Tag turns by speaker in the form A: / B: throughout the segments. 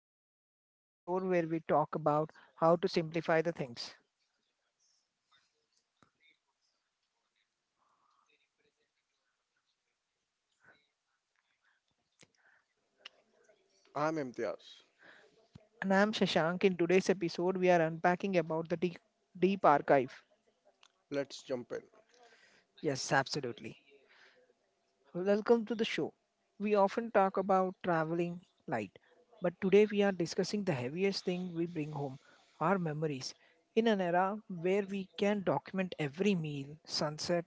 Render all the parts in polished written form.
A: Creative Thinking, the show where we talk about how to simplify the things.
B: I'm Imtiaz.
A: And I'm Shashank. In today's episode, we are unpacking about the deep archive.
B: Let's jump in.
A: Yes, absolutely. Welcome to the show. We often talk about traveling light, but today we are discussing the heaviest thing we bring home, our memories. In an era where we can document every meal, sunset,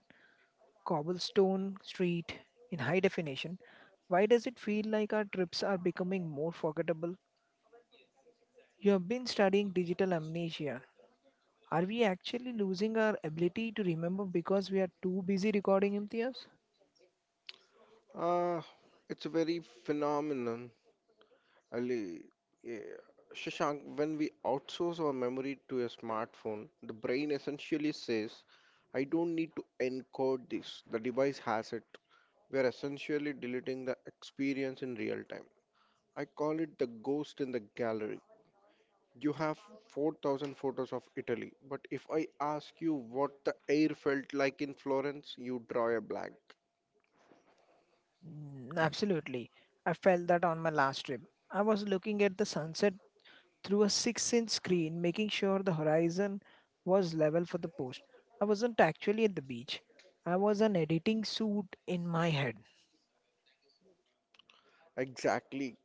A: cobblestone street in high definition, why does it feel like our trips are becoming more forgettable? You have been studying digital amnesia. Are we actually losing our ability to remember because we are too busy recording MTS?
B: Uh, it's a very phenomenon, Ali. Yeah. Shashank, when we outsource our memory to a smartphone, the brain essentially says, I don't need to encode this. The device has it. We are essentially deleting the experience in real time. I call it the ghost in the gallery. You have 4,000 photos of Italy, but if I ask you what the air felt like in Florence, you draw a blank.
A: Mm, absolutely. I felt that on my last trip. I was looking at the sunset through a 6-inch inch screen, making sure the horizon was level for the post. I wasn't actually at the beach, I was an editing suit in my head.
B: Exactly.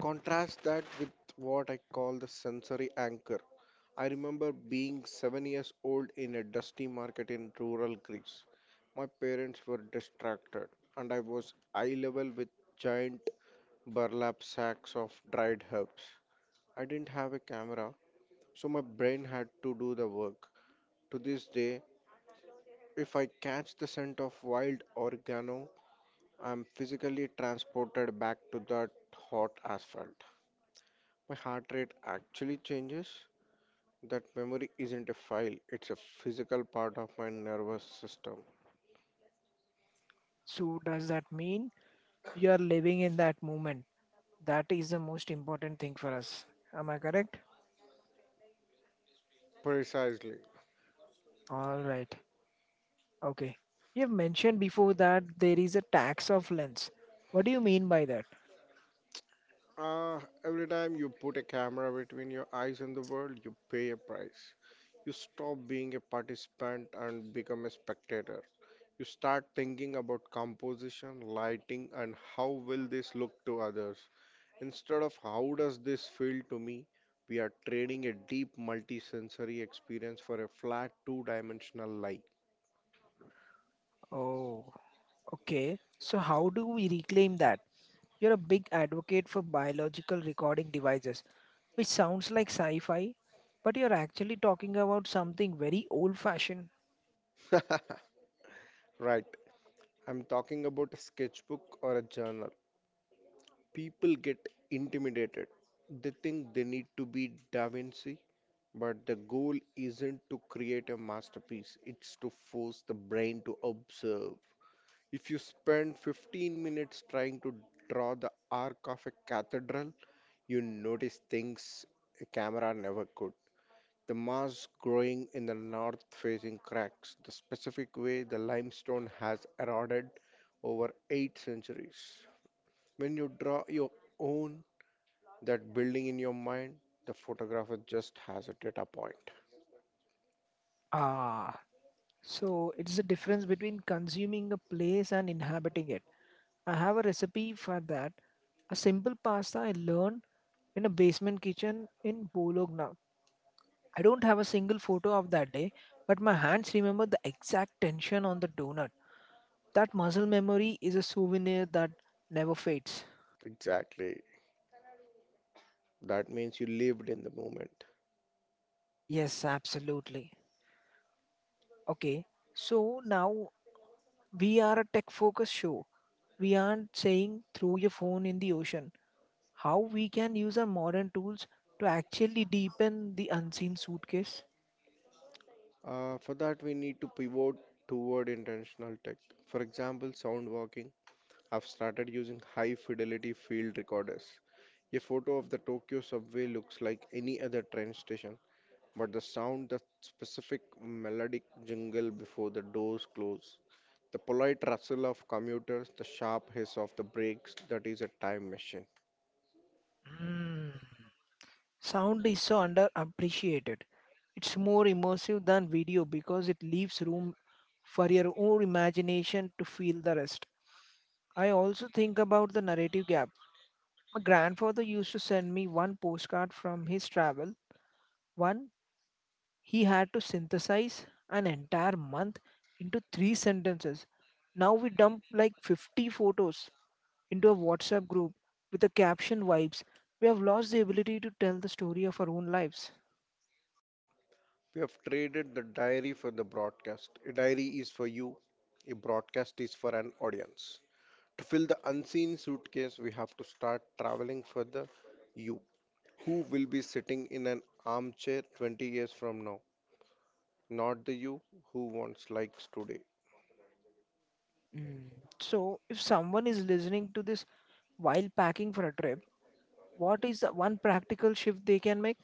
B: Contrast that with what I call the sensory anchor. I remember being 7 years old in a dusty market in rural Greece. My parents were distracted, and I was eye level with giant burlap sacks of dried herbs. I didn't have a camera, so my brain had to do the work. To this day, if I catch the scent of wild oregano, I'm physically transported back to that hot asphalt. My heart rate actually changes. That memory isn't a file, it's a physical part of my nervous system.
A: So, does that mean you are living in that moment? That is the most important thing for us. Am I correct?
B: Precisely.
A: All right. Okay. You've mentioned before that there is a tax of lens. What do you mean by that?
B: Every time you put a camera between your eyes and the world, you pay a price. You stop being a participant and become a spectator. You start thinking about composition, lighting, and how will this look to others. Instead of how does this feel to me, we are trading a deep multisensory experience for a flat two dimensional lie.
A: Oh, okay. So, how do we reclaim that? You're a big advocate for biological recording devices, which sounds like sci fi, but you're actually talking about something very old fashioned.
B: Right, I'm talking about a sketchbook or a journal. People get intimidated. They think they need to be Da Vinci, but the goal isn't to create a masterpiece, it's to force the brain to observe. If you spend 15 minutes trying to draw the arc of a cathedral, you notice things a camera never could. The moss growing in the north facing cracks, the specific way the limestone has eroded over eight centuries. When you draw your own, that building in your mind, the photographer just has a data point.
A: Ah, so it's the difference between consuming a place and inhabiting it. I have a recipe for that. A simple pasta I learned in a basement kitchen in Bologna. I don't have a single photo of that day, but my hands remember the exact tension on the donut. That muscle memory is a souvenir that never fades.
B: Exactly. That means you lived in the moment.
A: Yes, absolutely. Okay, so now we are a tech focused show. We aren't saying throw your phone in the ocean. How we can use our modern tools to actually deepen the unseen suitcase?
B: For that, we need to pivot toward intentional tech. For example, sound walking have started using high fidelity field recorders. A photo of the Tokyo subway looks like any other train station, but the sound, the specific melodic jingle before the doors close, the polite rustle of commuters, the sharp hiss of the brakes, that is a time machine.
A: Hmm. Sound is so underappreciated. It's more immersive than video because it leaves room for your own imagination to feel the rest. I also think about the narrative gap. My grandfather used to send me one postcard from his travel. One, he had to synthesize an entire month into three sentences. Now we dump like 50 photos into a WhatsApp group with the caption vibes. We have lost the ability to tell the story of our own lives.
B: We have traded the diary for the broadcast. A diary is for you, a broadcast is for an audience. To fill the unseen suitcase, we have to start traveling for the you who will be sitting in an armchair 20 years from now, not the you who wants likes today.
A: Mm. So, if someone is listening to this while packing for a trip, what is the one practical shift they can make?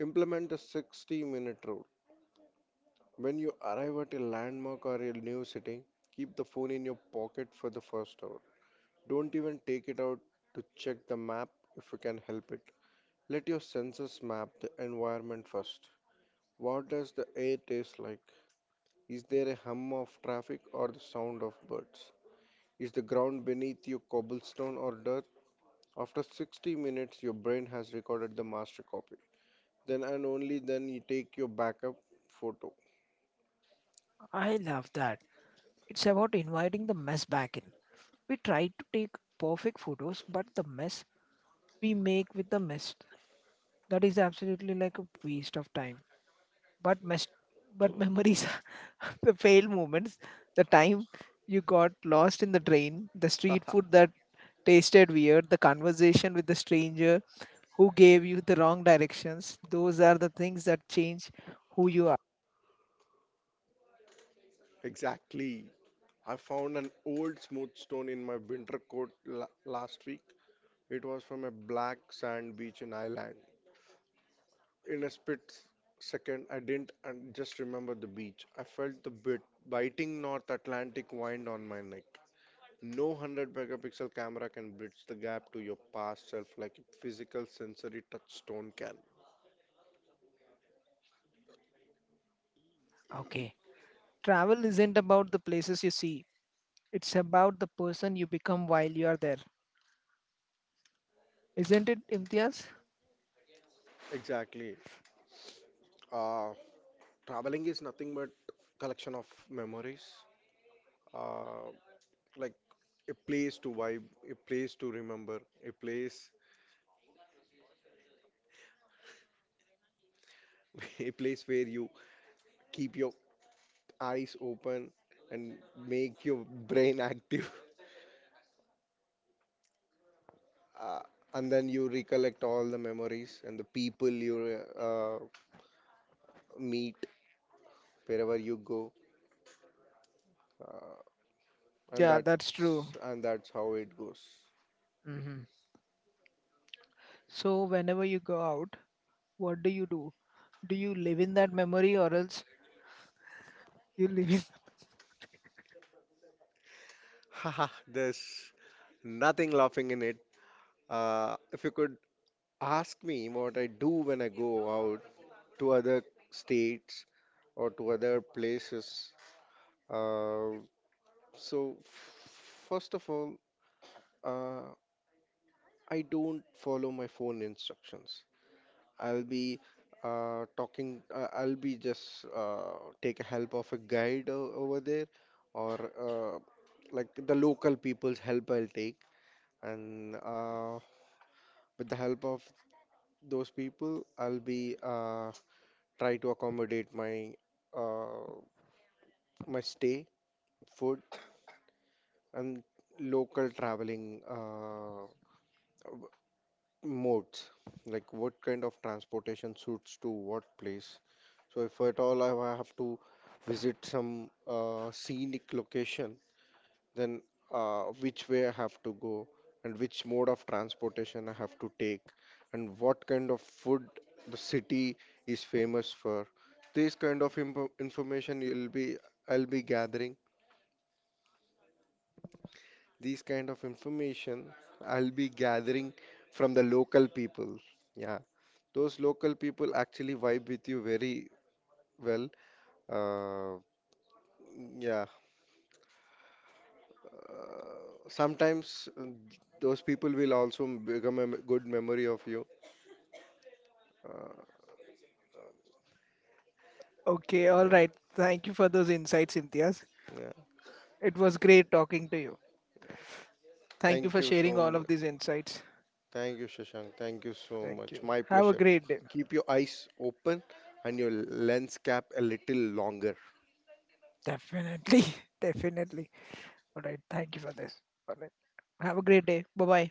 B: Implement the 60-minute rule. When you arrive at a landmark or a new city, keep the phone in your pocket for the first hour. Don't even take it out to check the map if you can help it. Let your senses map the environment first. What does the air taste like? Is there a hum of traffic or the sound of birds? Is the ground beneath you cobblestone or dirt? After 60 minutes, your brain has recorded the master copy. Then and only then you take your backup photo.
A: I love that. It's about inviting the mess back in. We try to take perfect photos, but the mess we make with the mess that is absolutely like a waste of time. But mess, but memories, the failed moments, the time you got lost in the train, the street
B: Haha,
A: food that tasted weird, the conversation with the stranger, who gave you the wrong directions. Those are the things that change who you are.
B: exactly. I found an old smooth stone in my winter coat last week. It was from a black sand beach in Ireland. In a split second, I didn't and just remember the beach. I felt the biting North Atlantic wind on my neck. No 100 megapixel camera can bridge the gap to your past self like a physical sensory touchstone can.
A: Okay. Travel isn't about the places you see, it's about the person you become while you are there. Isn't it, Imtiaz?
B: Exactly. Uh, Traveling is nothing but collection of memories. Uh, like a place to vibe, a place to remember, a place, a place where you keep your eyes open and make your brain active. Uh, and then you recollect all the memories and the people you meet wherever you go. Uh, and
A: Yeah, that's true.
B: that's how it goes.
A: Hmm. So, whenever you go out, what do you do? Do you live in that memory or else you live in?
B: Haha, there's nothing laughing in it. If you could ask me what I do when I go out to other states or to other places, uh, so first of all, uh, I don't follow my phone instructions. I'll be talking, I'll be just take a help of a guide over there, or like the local people's help I'll take, and with the help of those people, I'll be try to accommodate my uh, my stay, food, and local traveling modes, like what kind of transportation suits to what place. So if at all I have to visit some scenic location, then which way I have to go and which mode of transportation I have to take and what kind of food the city is famous for. This kind of information you'll be I'll be gathering. These kind of information I'll be gathering from the local people. Yeah, those local people actually vibe with you very well. Uh, yeah, uh, Sometimes those people will also become a good memory of you. Uh,
A: Okay, all
B: yeah,
A: right. Thank you for those insights, Imtiaz.
B: yeah.
A: It was great talking to you. Thank you
B: Thank
A: for
B: you
A: sharing
B: so
A: all
B: much.
A: of these insights.
B: Thank you, Shashank. Thank you so
A: Thank you.
B: much. My
A: Have a
B: pleasure.
A: great day.
B: Keep your eyes open and your lens cap a little longer.
A: Definitely, definitely. All right. Thank you for this. All right. Have a great day. Bye bye.